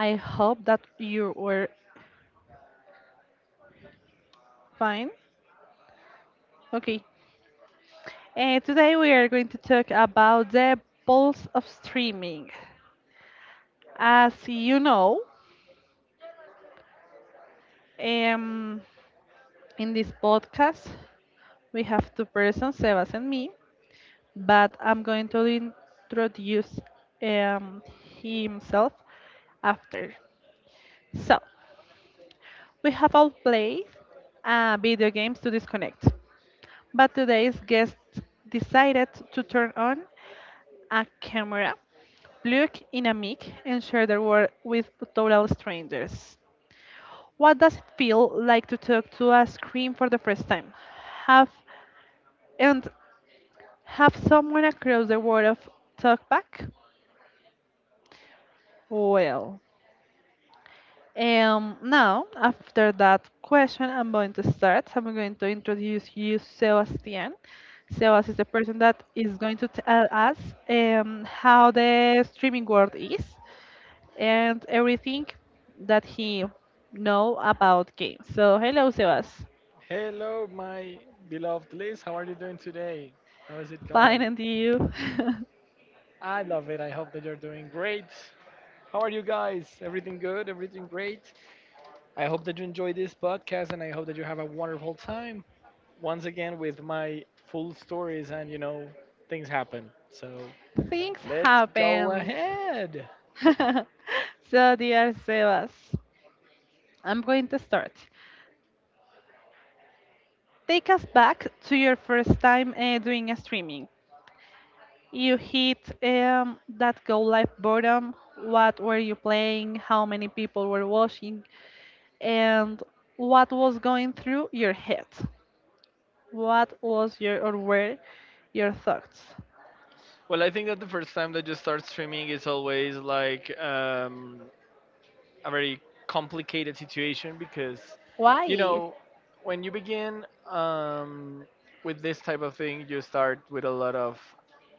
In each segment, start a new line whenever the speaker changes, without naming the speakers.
I hope that you were fine. Okay. Today we are going to talk about the pulse of streaming. As you know, um, in this podcast, we have two persons, Sebas and me, but I'm going to introduce um, himself after. So, we have all played video games to disconnect, but today's guest decided to turn on a camera, plug in a mic, and share their world with total strangers. What does it feel like to talk to a screen for the first time? Have and have someone across the world of talk back? Well. Now, after that question, I'm going to start. I'm going to introduce you Sebastian. Sebastian is the person that is going to tell us how the streaming world is and everything that he know about games. So, hello, Sebas.
Hello, my beloved Liz. How are you doing today? How is it
Fine,
going?
and you?
I love it. I hope that you're doing great. How are you guys? Everything good? Everything great? I hope that you enjoy this podcast and I hope that you have a wonderful time once again with my full stories and things happen. So
Things
let's go
happen.
ahead.
So, dear Sebas, I'm going to start. Take us back to your first time doing a streaming. You hit that go live button. What were you playing? How many people were watching? And what was going through your head? What was your or were your thoughts?
Well, I think that the first time that you start streaming is always like a very complicated situation because, you
Why?
know, when you begin with this type of thing, you start with a lot of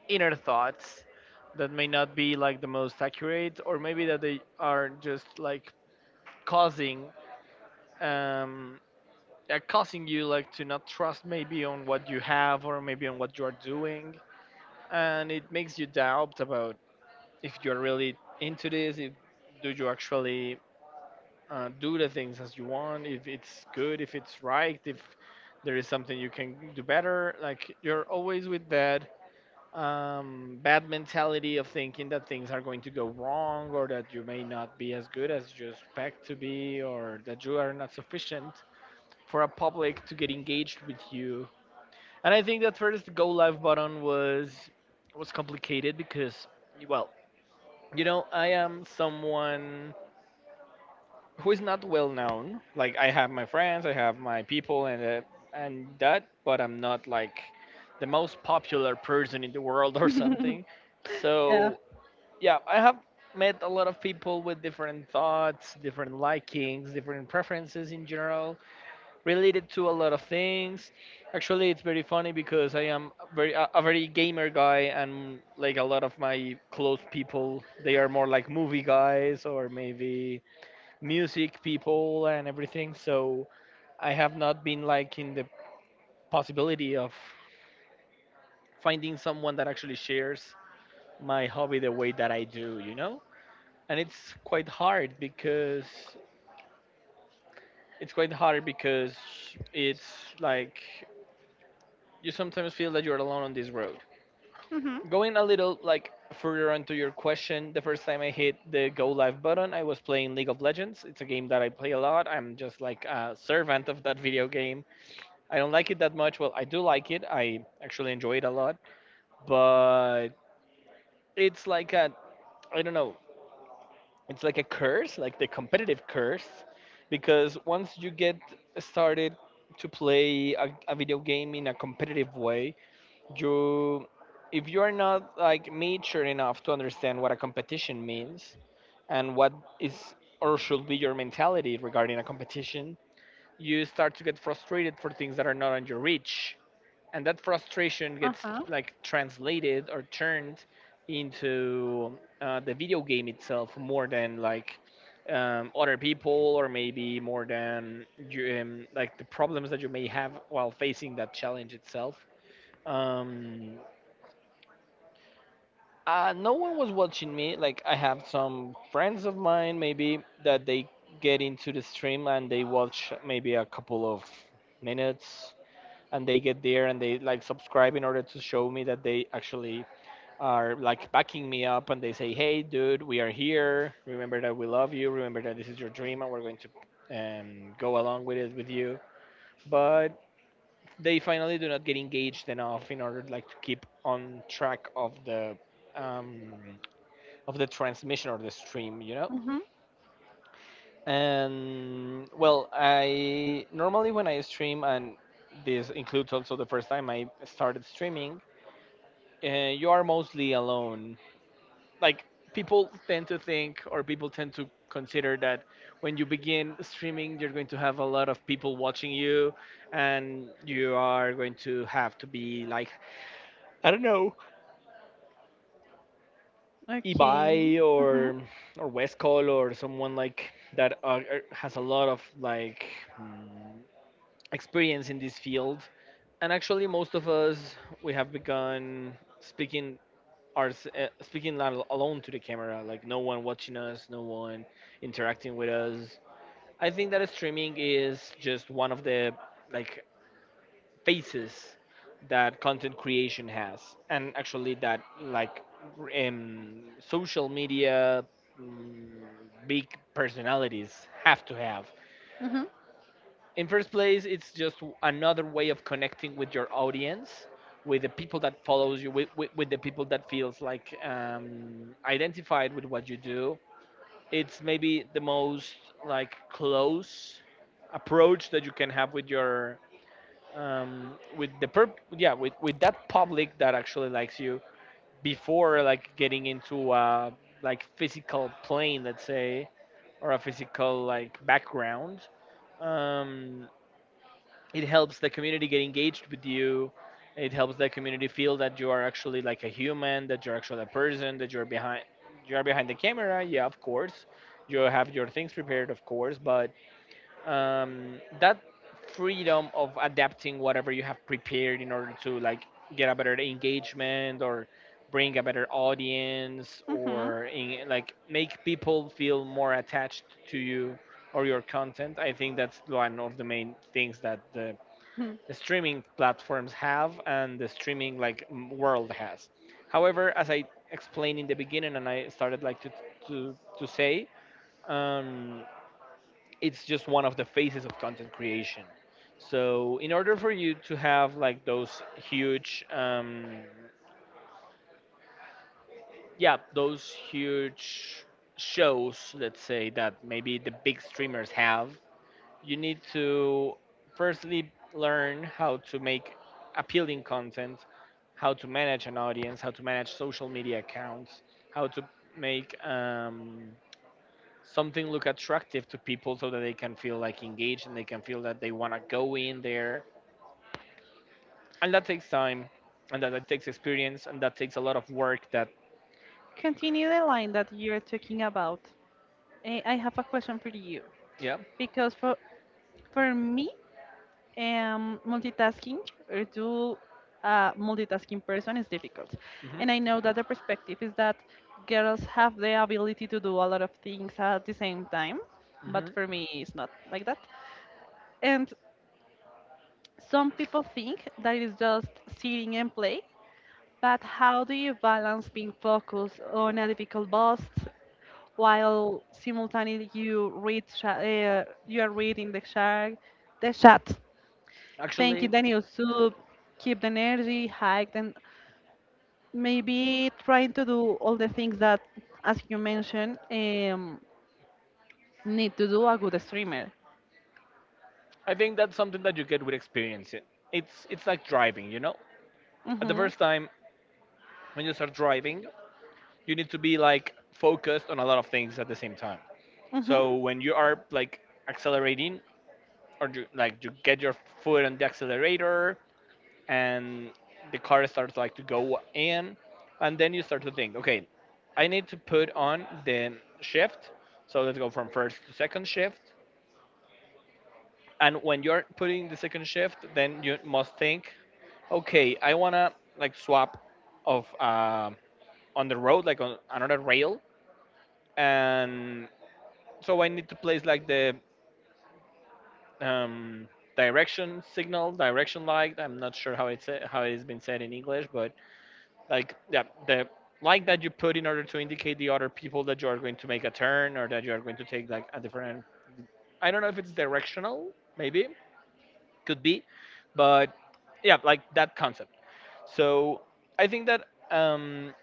inner thoughts that may not be like the most accurate, or maybe that they are just like causing. Um, yeah, causing you like to not trust maybe on what you have or maybe on what you are doing, and it makes you doubt about if you're really into this, if do you actually do the things as you want, if it's good, if it's right, if there is something you can do better, like you're always with that bad mentality of thinking that things are going to go wrong or that you may not be as good as you expect to be or that you are not sufficient for a public to get engaged with you. And I think that first the go live button was complicated because, well, you know, I am someone who is not well known. Like I have my friends, I have my people, and that, but I'm not like the most popular person in the world or something.
Yeah.
So yeah, I have met a lot of people with different thoughts, different likings, different preferences in general, related to a lot of things. Actually, it's very funny because I am a very a very gamer guy, and like a lot of my close people, they are more like movie guys or maybe music people and everything. So I have not been like in the possibility of finding someone that actually shares my hobby the way that I do, you know. And it's quite hard because it's quite hard because it's like, you sometimes feel that you're alone on this road.
hmm
Going a little like further onto your question, the first time I hit the go live button I was playing League of Legends. It's a game that I play a lot. I'm just like a servant of that video game. I don't like it that much. Well, I do like it. I actually enjoy it a lot, but it's like a, I don't know. It's like a curse, like the competitive curse, because once you get started to play a video game in a competitive way, you, if you are not like mature enough to understand what a competition means and what is or should be your mentality regarding a competition, you start to get frustrated for things that are not on your reach. And that frustration
Uh
gets
huh.
like translated or turned into the video game itself more than like other people or maybe more than you, like the problems that you may have while facing that challenge itself. um, no one was watching me. Like I have some friends of mine maybe that they get into the stream and they watch maybe a couple of minutes, and they get there and they like subscribe in order to show me that they actually are like backing me up, and they say, hey dude, we are here, remember that we love you, remember that this is your dream and we're going to go along with it with you. But they finally do not get engaged enough in order like to keep on track um, of the transmission or the stream, you know.
Mhm.
And well, I normally when I stream, and this includes also the first time I started streaming, uh, you are mostly alone. Like people tend to think, or people tend to consider that when you begin streaming, you're going to have a lot of people watching you, and you are going to have to be like, I don't know,
Okay.
Ibai
Mhm.
or Westcall or someone like that has a lot of like mm, experience in this field. And actually, most of us we have begun speaking speaking alone to the camera, like no one watching us, no one interacting with us. I think that streaming is just one of the, like, faces that content creation has, and actually that like social media mm, big personalities have to have.
Mhm.
In first place, it's just another way of connecting with your audience, with the people that follows you, with the people that feels like identified with what you do. It's maybe the most like close approach that you can have with your um, with the yeah, with that public that actually likes you, before like getting into a like physical plane, let's say, or a physical like background. um, it helps the community get engaged with you, it helps the community feel that you are actually like a human, that you're actually a person, that you are behind the camera. Yeah, of course you have your things prepared, of course, but that freedom of adapting whatever you have prepared in order to like get a better engagement or bring a better audience,
Mhm.
or like make people feel more attached to you or your content, I think that's one of the main things that the
Hmm.
streaming platforms have and the streaming like world has. However, as I explained in the beginning, and I started like to say, um, it's just one of the phases of content creation. So in order for you to have like those huge, yeah, those huge shows, let's say, that maybe the big streamers have, you need to firstly learn how to make appealing content, how to manage an audience, how to manage social media accounts, how to make something look attractive to people so that they can feel like engaged and they can feel that they want to go in there. And that takes time, and that takes experience, and that takes a lot of work that,
Continue the line that you're talking about. Eh, I have a question for you
yeah.
because for me. Multitasking or to a multitasking person is difficult. And
Hmm.
I know that the perspective is that girls have the ability to do a lot of things at the same time, but
Hmm.
for me, it's not like that. And some people think that it is just sitting and play, but how do you balance being focused on a difficult boss while simultaneously you read you are reading the chat? Thank you,
Actually,
Daniel. So keep the energy, hike, and maybe trying to do all the things that, as you mentioned, need to do a good streamer.
I think that's something that you get with experience. It's like driving, you know. At the
hmm
first time when you start driving, you need to be like focused on a lot of things at the same time. So
hmm
when you are like accelerating, or you, like you get your foot on the accelerator, and the car starts like to go in, and then you start to think, okay, I need to put on the shift. So let's go from first to second shift. And when you're putting the second shift, then you must think, okay, I wanna like swap of on the road, like on another rail, and so I need to place like the um, direction signal, direction light. I'm not sure how it's been said in English, but like yeah, the light that you put in order to indicate the other people that you are going to make a turn or that you are going to take like a different. I don't know if it's directional, maybe, could be, but yeah, like that concept. So I think that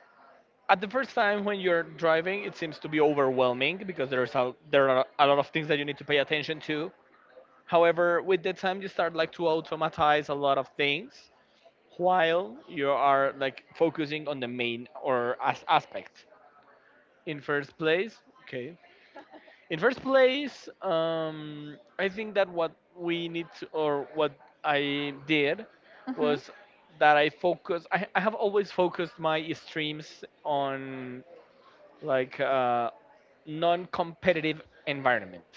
at the first time when you're driving, it seems to be overwhelming because there's a, there are a lot of things that you need to pay attention to. However, with the time you start like to automatize a lot of things while you are like focusing on the main or as aspect. In first place, okay. In first place, I think that what we need to, or what I did
hmm
was that I focus. I have always focused my streams on like non-competitive environment.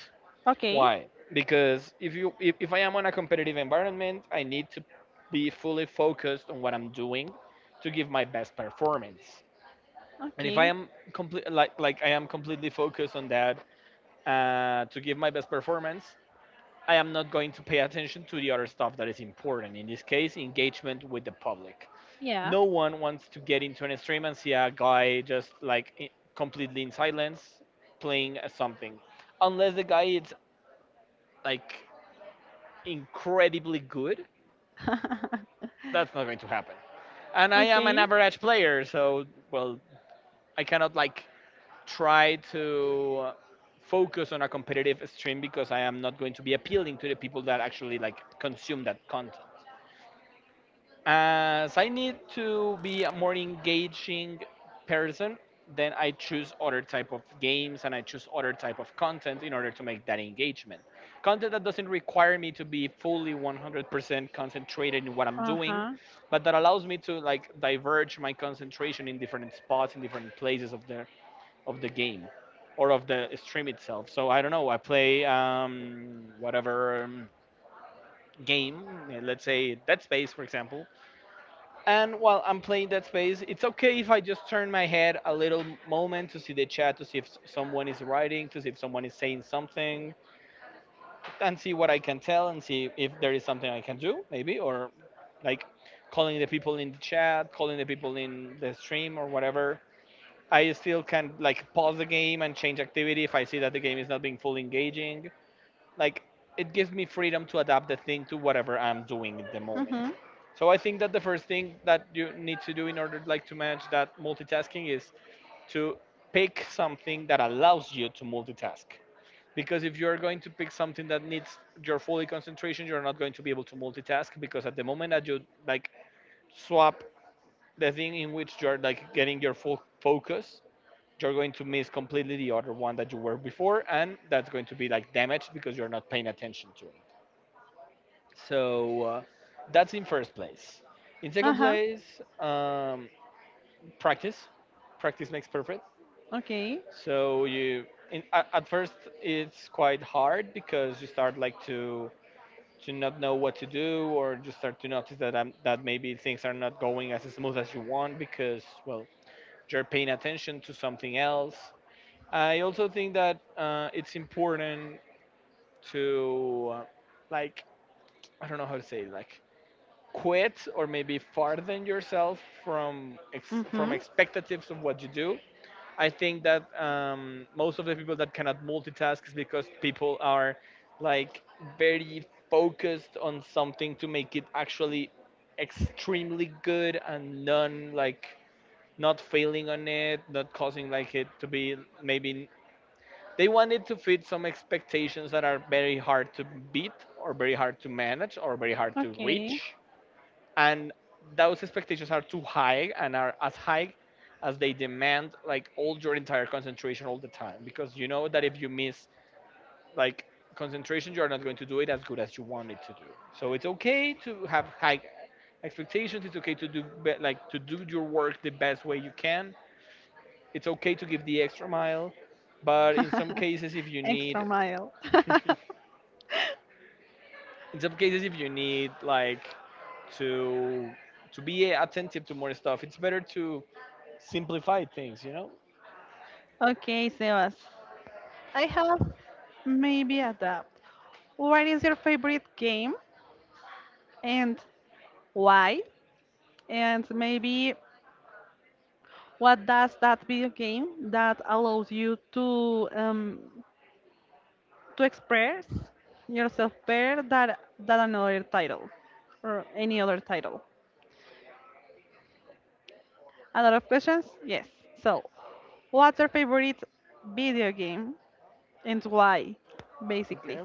Why? Because if you if I am on a competitive environment, I need to be fully focused on what I'm doing to give my best performance. And if
Okay.
I
Okay.
am complete like I am completely focused on that to give my best performance, I am not going to pay attention to the other stuff that is important. In this case, engagement with the public.
Yeah.
No one wants to get into an stream and see a guy just completely in silence playing a something unless the guy is like incredibly good. That's not going to happen, and I am an
Okay.
average player, so well, I cannot try to focus on a competitive stream because I am not going to be appealing to the people that actually like consume that content. As I need to be a more engaging person, then I choose other type of games and I choose other type of content in order to make that engagement. Content that doesn't require me to be fully 100% concentrated in what I'm
Uh
doing,
huh.
but that allows me to like diverge my concentration in different spots in different places of the game or of the stream itself. So I don't know, I play whatever game, let's say Dead Space for example. And while I'm playing that space, it's okay if I just turn my head a little moment to see the chat, to see if someone is writing, to see if someone is saying something, and see what I can tell and see if there is something I can do, maybe, or like calling the people in the chat, calling the people in the stream or whatever. I still can like pause the game and change activity if I see that the game is not being fully engaging. like it gives me freedom to adapt the thing to whatever I'm doing at the
Mm
moment.
hmm.
So I think that the first thing that you need to do in order like to manage that multitasking is to pick something that allows you to multitask. Because if you're going to pick something that needs your fully concentration, you're not going to be able to multitask because at the moment that you like swap the thing in which you're like getting your full focus, you're going to miss completely the other one that you were before and that's going to be like damaged because you're not paying attention to it. So that's in first place. In second
Uh-huh.
place, um, practice. Practice makes perfect.
Okay.
So you at first it's quite hard because you start to not know what to do, or you start to notice that I that maybe things are not going as smooth as you want because well, you're paying attention to something else. I also think that it's important to like I don't know how to say it, quit or maybe farthen yourself
Mm-hmm.
from expectations of what you do. I think that most of the people that cannot multitask is because people are like very focused on something to make it actually extremely good and none like not failing on it, not causing like it to be maybe. They want it to fit some expectations that are very hard to beat, or very hard to manage, or very hard to
Okay.
reach, and those expectations are too high and are as high as they demand like all your entire concentration all the time, because you know that if you miss like concentration, you're not going to do it as good as you want it to do. So it's okay to have high expectations, it's okay to do be- like to do your work the best way you can, it's okay to give the extra mile, but in some cases, if you
Extra
need
mile.
in some cases if you need to be attentive to more stuff, it's better to simplify things, you know?
Okay, Sebas. I have maybe a adapt. What is your favorite game and why? And maybe what does that video game that allows you to express yourself better than another title or any other title? A lot of questions? Yes. So, what's your favorite video game and why, basically?
Okay.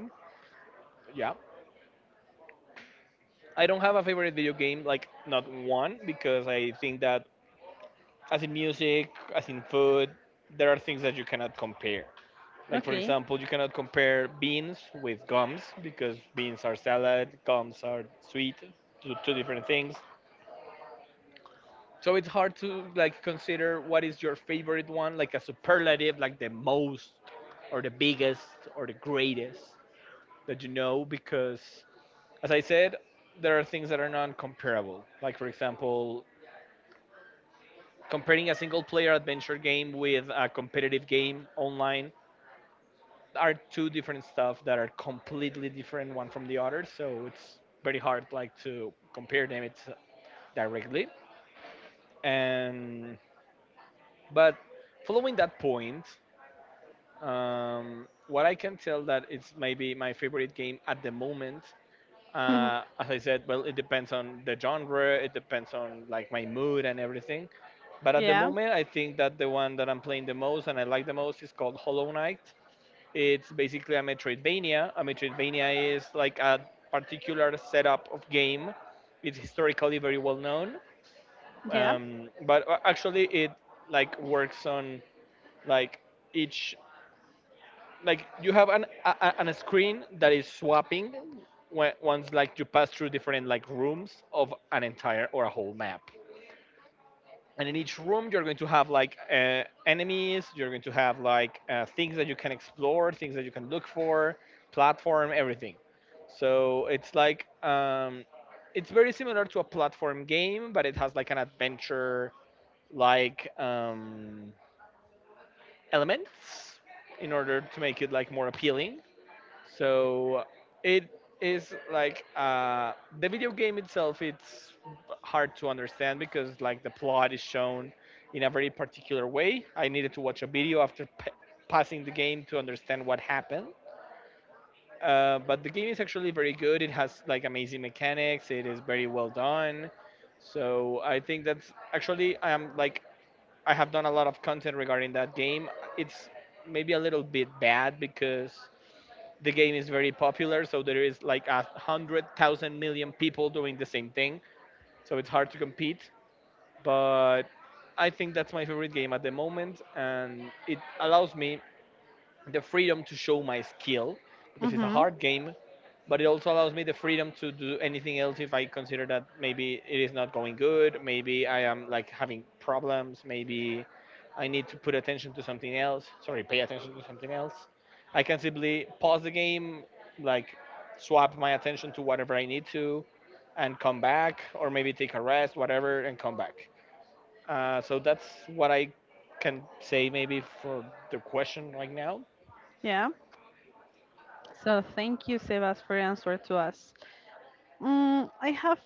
Yeah. I don't have a favorite video game, like not one, because I think that as in music, as in food, there are things that you cannot compare. Like for
Okay.
example, you cannot compare beans with gums, because beans are salad, gums are sweet, two different things. So it's hard to like consider what is your favorite one, like a superlative, like the most or the biggest or the greatest that you know, because as I said, there are things that are non-comparable. Like for example, comparing a single-player adventure game with a competitive game online are two different stuff that are completely different one from the other. So it's very hard like to compare them, it's directly. And but following that point, what I can tell that it's maybe my favorite game at the moment, as I said, well, it depends on the genre, it depends on like my mood and everything. But at the
Yeah.
moment, I think that the one that I'm playing the most and I like the most is called Hollow Knight. It's basically a Metroidvania. A Metroidvania is like a particular setup of game. It's historically very well known,
Yeah.
but actually it works on like each you have an screen that is swapping when, once like you pass through different like rooms of an entire or a whole map, and in each room you're going to have like enemies, you're going to have like things that you can explore, things that you can look for, platform, everything. So it's like it's very similar to a platform game, but it has like an adventure like um, elements in order to make it like more appealing. So it is like the video game itself. It's hard to understand because like the plot is shown in a very particular way. I needed to watch a video after passing the game to understand what happened. But the game is actually very good. It has like amazing mechanics. It is very well done. So I think that's actually I am like I have done a lot of content regarding that game. It's maybe a little bit bad because the game is very popular, so there is like a hundred thousand million people doing the same thing, so it's hard to compete. But I think that's my favorite game at the moment, and it allows me the freedom to show my skill because it's a
Mhm.
hard game, but it also allows me the freedom to do anything else if I consider that maybe it is not going good, maybe I am like having problems, maybe I need to put attention to something else. Sorry, pay attention to something else. I can simply pause the game, like swap my attention to whatever I need to, and come back, or maybe take a rest, whatever, and come back. So that's what I can say maybe for the question right now.
Yeah. So thank you, Sebas, for answer to us. Mm, I have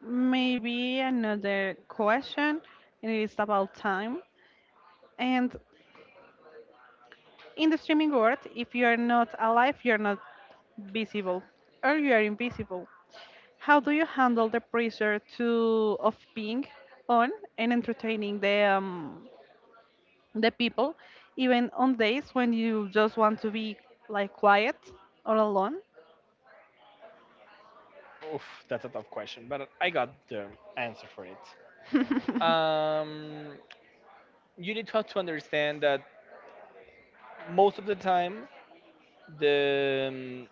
maybe another question, and it is about time. And in the streaming world, if you are not alive, you are not visible or you are invisible. How do you handle the pressure to of being on and entertaining the people, even on days when you just want to be like quiet or alone?
Oof, that's a tough question, but I got the answer for it. Um, you need to have to understand that most of the time, the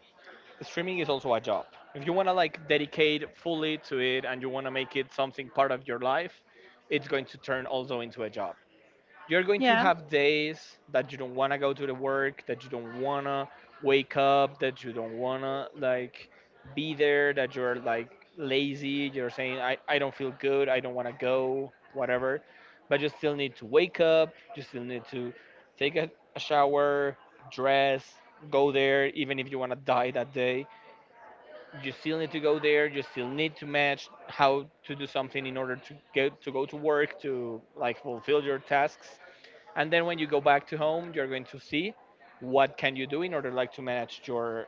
streaming is also a job. If you want to like dedicate fully to it and you want to make it something part of your life, it's going to turn also into a job. You're going to
Yeah.
have days that you don't want to go to the work, that you don't want to wake up, that you don't want to be there, that you're like lazy, you're saying I don't feel good, I don't want to go, whatever. But you still need to wake up, you still need to take a shower, dress, go there even if you want to die that day. You still need to go there, you still need to match how to do something in order to get to go to work to like fulfill your tasks, and then when you go back to home, you're going to see what can you do in order like to manage your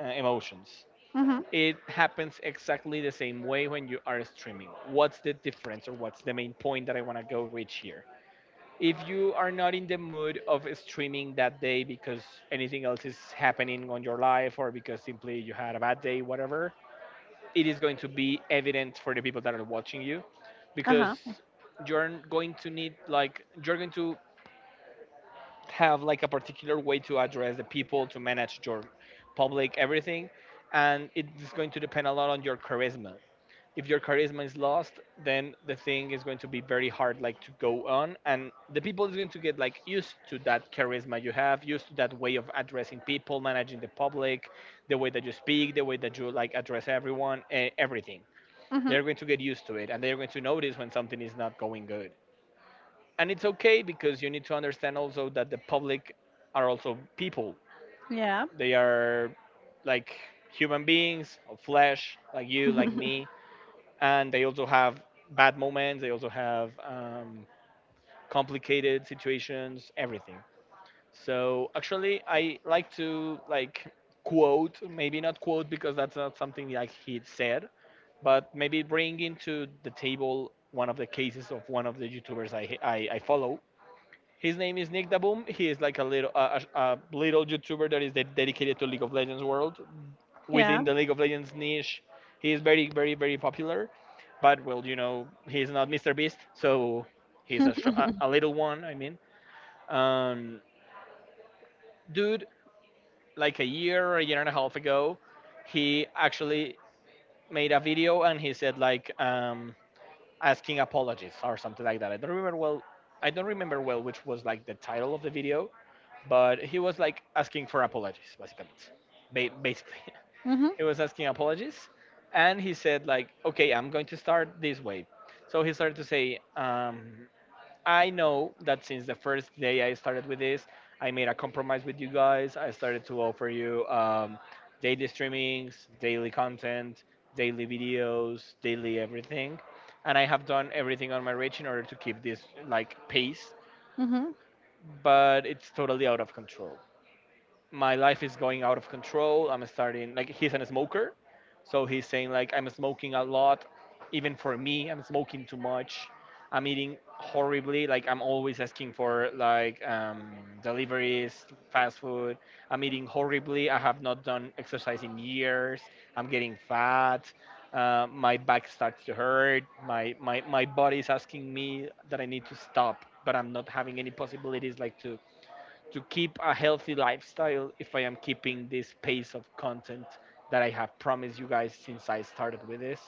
emotions.
Mhm.
It happens exactly the same way when you are streaming. What's the difference, or what's the main point that I want to go reach here? If you are not in the mood of streaming that day because anything else is happening on your life, or because simply you had a bad day, whatever, it is going to be evident for the people that are watching you,
Uh
because
huh.
you're going to need like you're going to have like a particular way to address the people, to manage your public, everything. And it's going to depend a lot on your charisma. If your charisma is lost, then the thing is going to be very hard like to go on, and the people is going to get like used to that charisma you have, used to that way of addressing people, managing the public, the way that you speak, the way that you like address everyone and everything.
Mhm.
They're going to get used to it, and they're going to notice when something is not going good. And it's okay, because you need to understand also that the public are also people.
Yeah.
They are like human beings of flesh, like you, like me. And they also have bad moments, they also have complicated situations, everything. So actually I like to quote, maybe not quote because that's not something like he said, but maybe bring into the table one of the cases of one of the youtubers I follow. His name is Nick Daboom. He is like a little a little YouTuber that is dedicated to League of Legends world.
Yeah.
Within the League of Legends niche, he is very, very, very popular. But well, you know, he's not Mr. Beast, so he's a little one. I mean, um, dude, like a year and a half ago, he actually made a video and he said like asking apologies or something like that. I don't remember well. I don't remember well which was like the title of the video, but he was like asking for apologies basically basically
Mhm.
he was asking apologies and he said like, okay, I'm going to start this way. So he started to say, I know that since the first day I started with this, I made a compromise with you guys. I started to offer you daily streamings, daily content, daily videos, daily everything, and I have done everything on my reach in order to keep this like pace,
Mhm.
but it's totally out of control. My life is going out of control. I'm starting, like, he's a smoker, so he's saying, like, I'm smoking a lot. Even for me, I'm smoking too much. I'm eating horribly. Like, I'm always asking for, like, deliveries, fast food. I'm eating horribly. I have not done exercise in years. I'm getting fat. My back starts to hurt. My body is asking me that I need to stop, but I'm not having any possibilities like to keep a healthy lifestyle if I am keeping this pace of content that I have promised you guys since I started with this.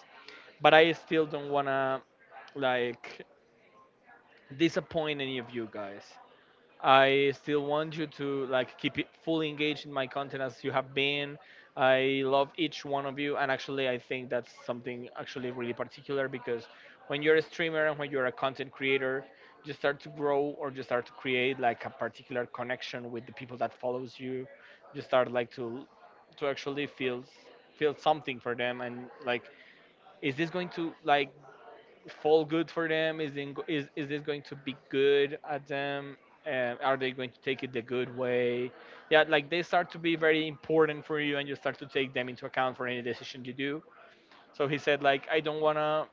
But I still don't wanna like disappoint any of you guys. I still want you to like keep it fully engaged in my content as you have been. I love each one of you, and actually, I think that's something actually really particular because when you're a streamer and when you're a content creator, you start to grow or you start to create like a particular connection with the people that follows you. You start like to actually feel feel something for them, and like, is this going to like fall good for them? Is this going to be good at them? Are they going to take it the good way? Yeah, like they start to be very important for you and you start to take them into account for any decision you do. So he said, like, I don't want to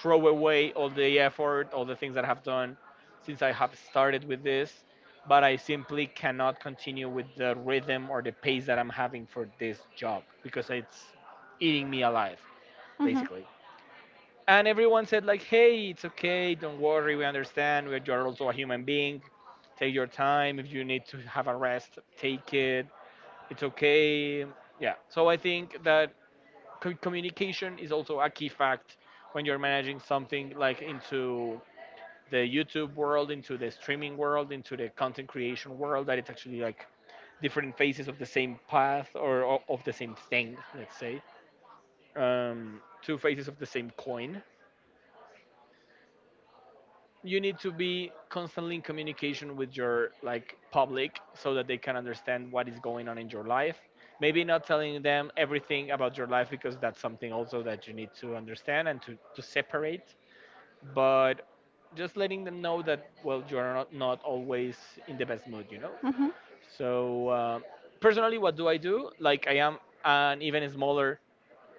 throw away all the effort, all the things that I have done since I have started with this, but I simply cannot continue with the rhythm or the pace that I'm having for this job because it's eating me alive,
Mhm.
basically. And everyone said like, hey, it's okay, don't worry, we understand, you're also a human being, take your time, if you need to have a rest, take it, it's okay. Yeah, so I think that communication is also a key fact when you're managing something like into the YouTube world, into the streaming world, into the content creation world, that it's actually like different phases of the same path or of the same thing, let's say, two faces of the same coin. You need to be constantly in communication with your like public so that they can understand what is going on in your life, maybe not telling them everything about your life because that's something also that you need to understand and to, separate, but just letting them know that, well, you're not always in the best mood, you know.
Mhm.
So personally, what do I do? Like, I am an even smaller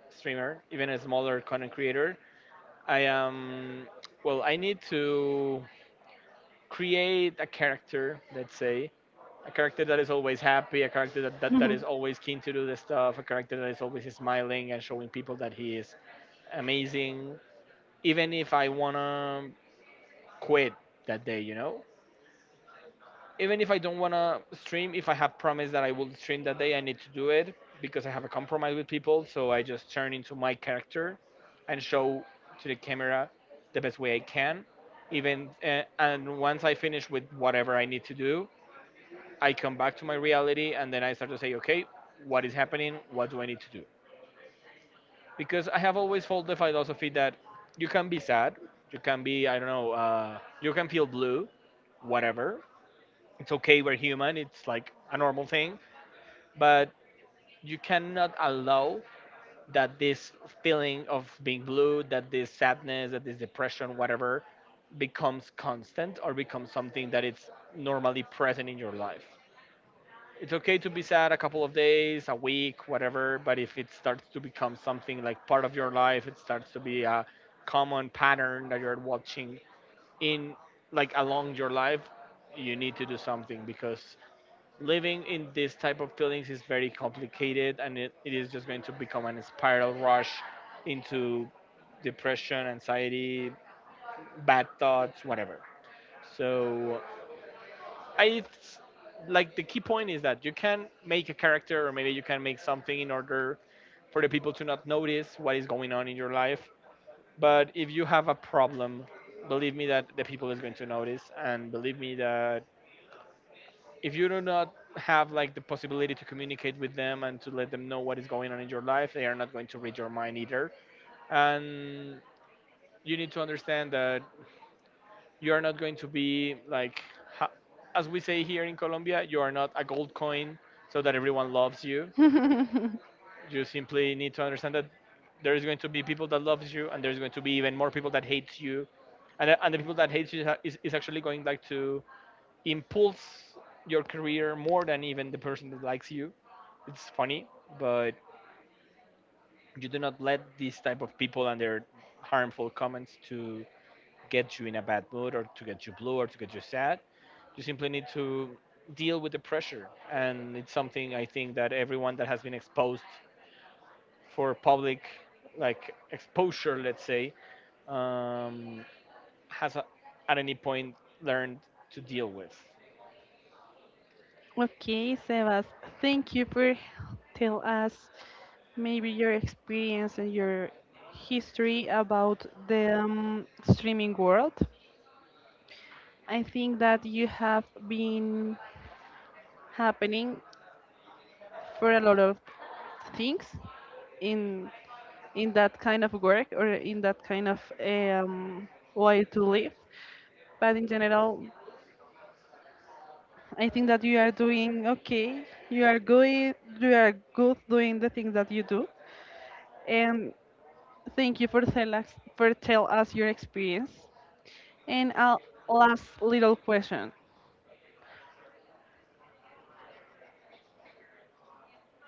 streamer, even a smaller content creator. I am, well, I need to create a character, let's say, a character that is always happy, a character that is always keen to do the stuff, a character that is always smiling and showing people that he is amazing, even if I wanna quit that day, you know? Even if I don't wanna stream, if I have promised that I will stream that day, I need to do it because I have a compromise with people, so I just turn into my character and show to the camera the best way I can. Even and once I finish with whatever I need to do, I come back to my reality and then I start to say, okay, what is happening? What do I need to do? Because I have always followed the philosophy that you can be sad, you can be, I don't know, you can feel blue, whatever. It's okay, we're human, it's like a normal thing, but you cannot allow that this feeling of being blue, that this sadness, that this depression, whatever, becomes constant or becomes something that it's normally present in your life. It's okay to be sad a couple of days, a week, whatever, but if it starts to become something like part of your life, it starts to be a common pattern that you're watching in like along your life, you need to do something because living in this type of feelings is very complicated and it is just going to become a spiral rush into depression, anxiety, bad thoughts, whatever. So I, like, the key point is that you can make a character, or maybe you can make something in order for the people to not notice what is going on in your life. But if you have a problem, believe me that the people is going to notice, and believe me that if you do not have like the possibility to communicate with them and to let them know what is going on in your life, they are not going to read your mind either. And you need to understand that you are not going to be like ha- as we say here in Colombia, you are not a gold coin so that everyone loves you.
Mhm.
You simply need to understand that there is going to be people that loves you and there's going to be even more people that hates you. And, and the people that hates you is actually going like to impulse your career more than even the person that likes you. It's funny, but you do not let these type of people and their harmful comments to get you in a bad mood or to get you blue or to get you sad. You simply need to deal with the pressure, and it's something I think that everyone that has been exposed for public like exposure, let's say, um, has a, at any point learned to deal with.
Okay, Sebas, thank you for tell us maybe your experience and your history about the streaming world. I think that you have been happening for a lot of things in in that kind of work or in that kind of way to live. But in general, I think that you are doing okay. You are good. You are good doing the things that you do. And thank you for tell us your experience. And a last little question.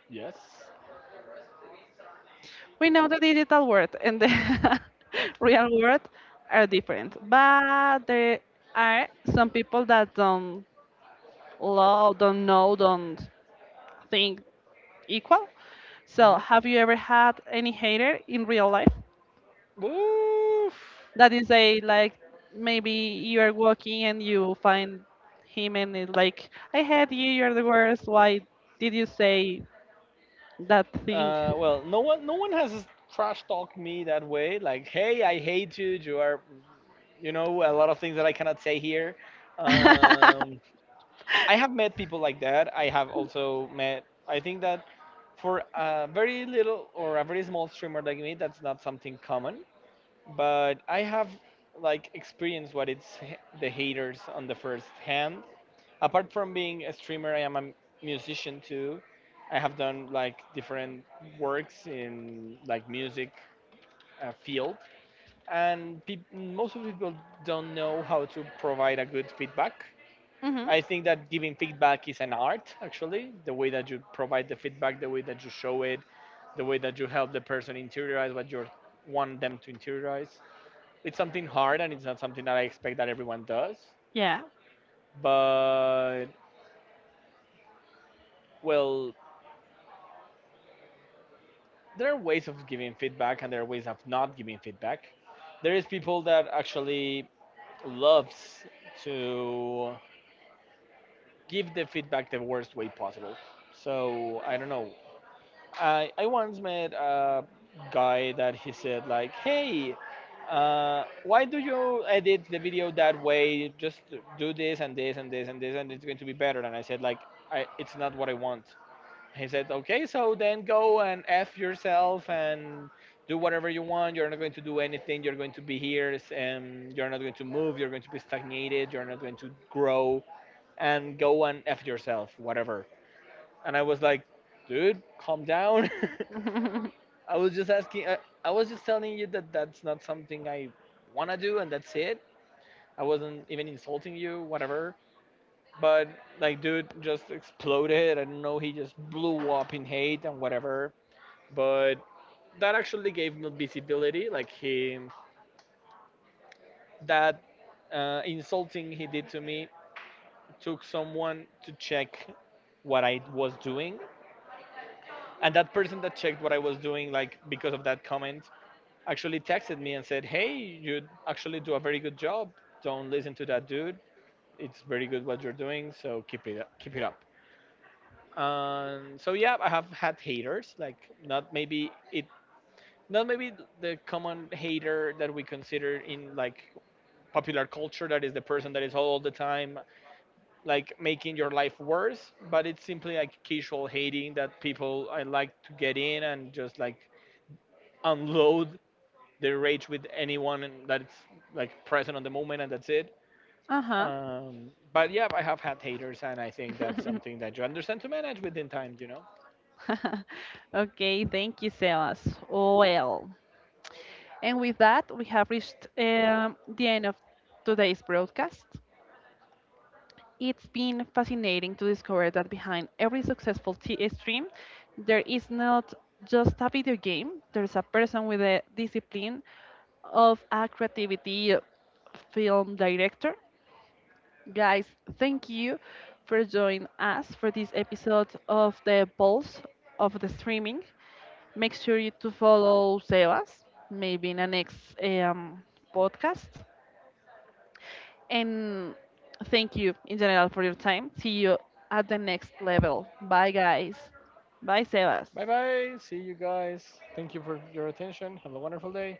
Yes.
We know the digital world and the real world are different, but there are some people that don't love, don't know, don't think equal. So,
Mhm.
have you ever had any hater in real life?
Oof.
That is a like maybe you are walking and you find him and it's like I hate you, you're the worst. Why did you say that thing?
Well, no one, no one has trash talked me that way. Like, hey, I hate you. You are, you know, a lot of things that I cannot say here. Um, I have met people like that. I have also met. I think that for a very little or a very small streamer like me, that's not something common. But I have like experienced what it's the haters on the first hand. Apart from being a streamer, I am a musician too. I have done like different works in like music field, and peop most of people don't know how to provide a good feedback.
Mhm.
I think that giving feedback is an art, actually. The way that you provide the feedback, the way that you show it, the way that you help the person interiorize what you want them to interiorize. It's something hard and it's not something that I expect that everyone does.
Yeah.
But, well, there are ways of giving feedback and there are ways of not giving feedback. There is people that actually loves to give the feedback the worst way possible. So, I don't know. I once met a guy that he said like, "Hey, why do you edit the video that way? Just do this and this and this and this, and it's going to be better." And I said like, I, "It's not what I want." He said, "Okay, so then go and f yourself and do whatever you want. You're not going to do anything. You're going to be here, and you're not going to move. You're going to be stagnated. You're not going to grow. And go and f yourself, whatever." And I was like, "Dude, calm down." I was just asking. I was just telling you that that's not something I want to do, and that's it. I wasn't even insulting you, whatever. But like, dude just exploded. I don't know. He just blew up in hate and whatever. But that actually gave me visibility. Like he, that insulting he did to me took someone to check what I was doing, and that person that checked what I was doing, like because of that comment, actually texted me and said, "Hey, you actually do a very good job. Don't listen to that dude. It's very good what you're doing. So keep it up, keep it up." So yeah, I have had haters. Like not maybe it, not maybe the common hater that we consider in like popular culture. That is the person that is all the time like making your life worse. But it's simply like casual hating that people I like to get in and just like unload they rage with anyone that's like present on the moment and that's it.
Uh-huh.
But yeah, I have had haters and I think that's something that you understand to manage within time, you know.
Okay, thank you, Sebas. Well, and with that, we have reached the end of today's broadcast. It's been fascinating to discover that behind every successful stream, there is not just a video game, there's a person with a discipline of a creativity film director. Guys, thank you for joining us for this episode of the Pulse of the Streaming. Make sure you to follow Sebas, maybe in the next um, podcast. And thank you in general for your time. See you at the next level. Bye, guys. Bye, Sebas.
Bye bye, see you guys. Thank you for your attention, have a wonderful day.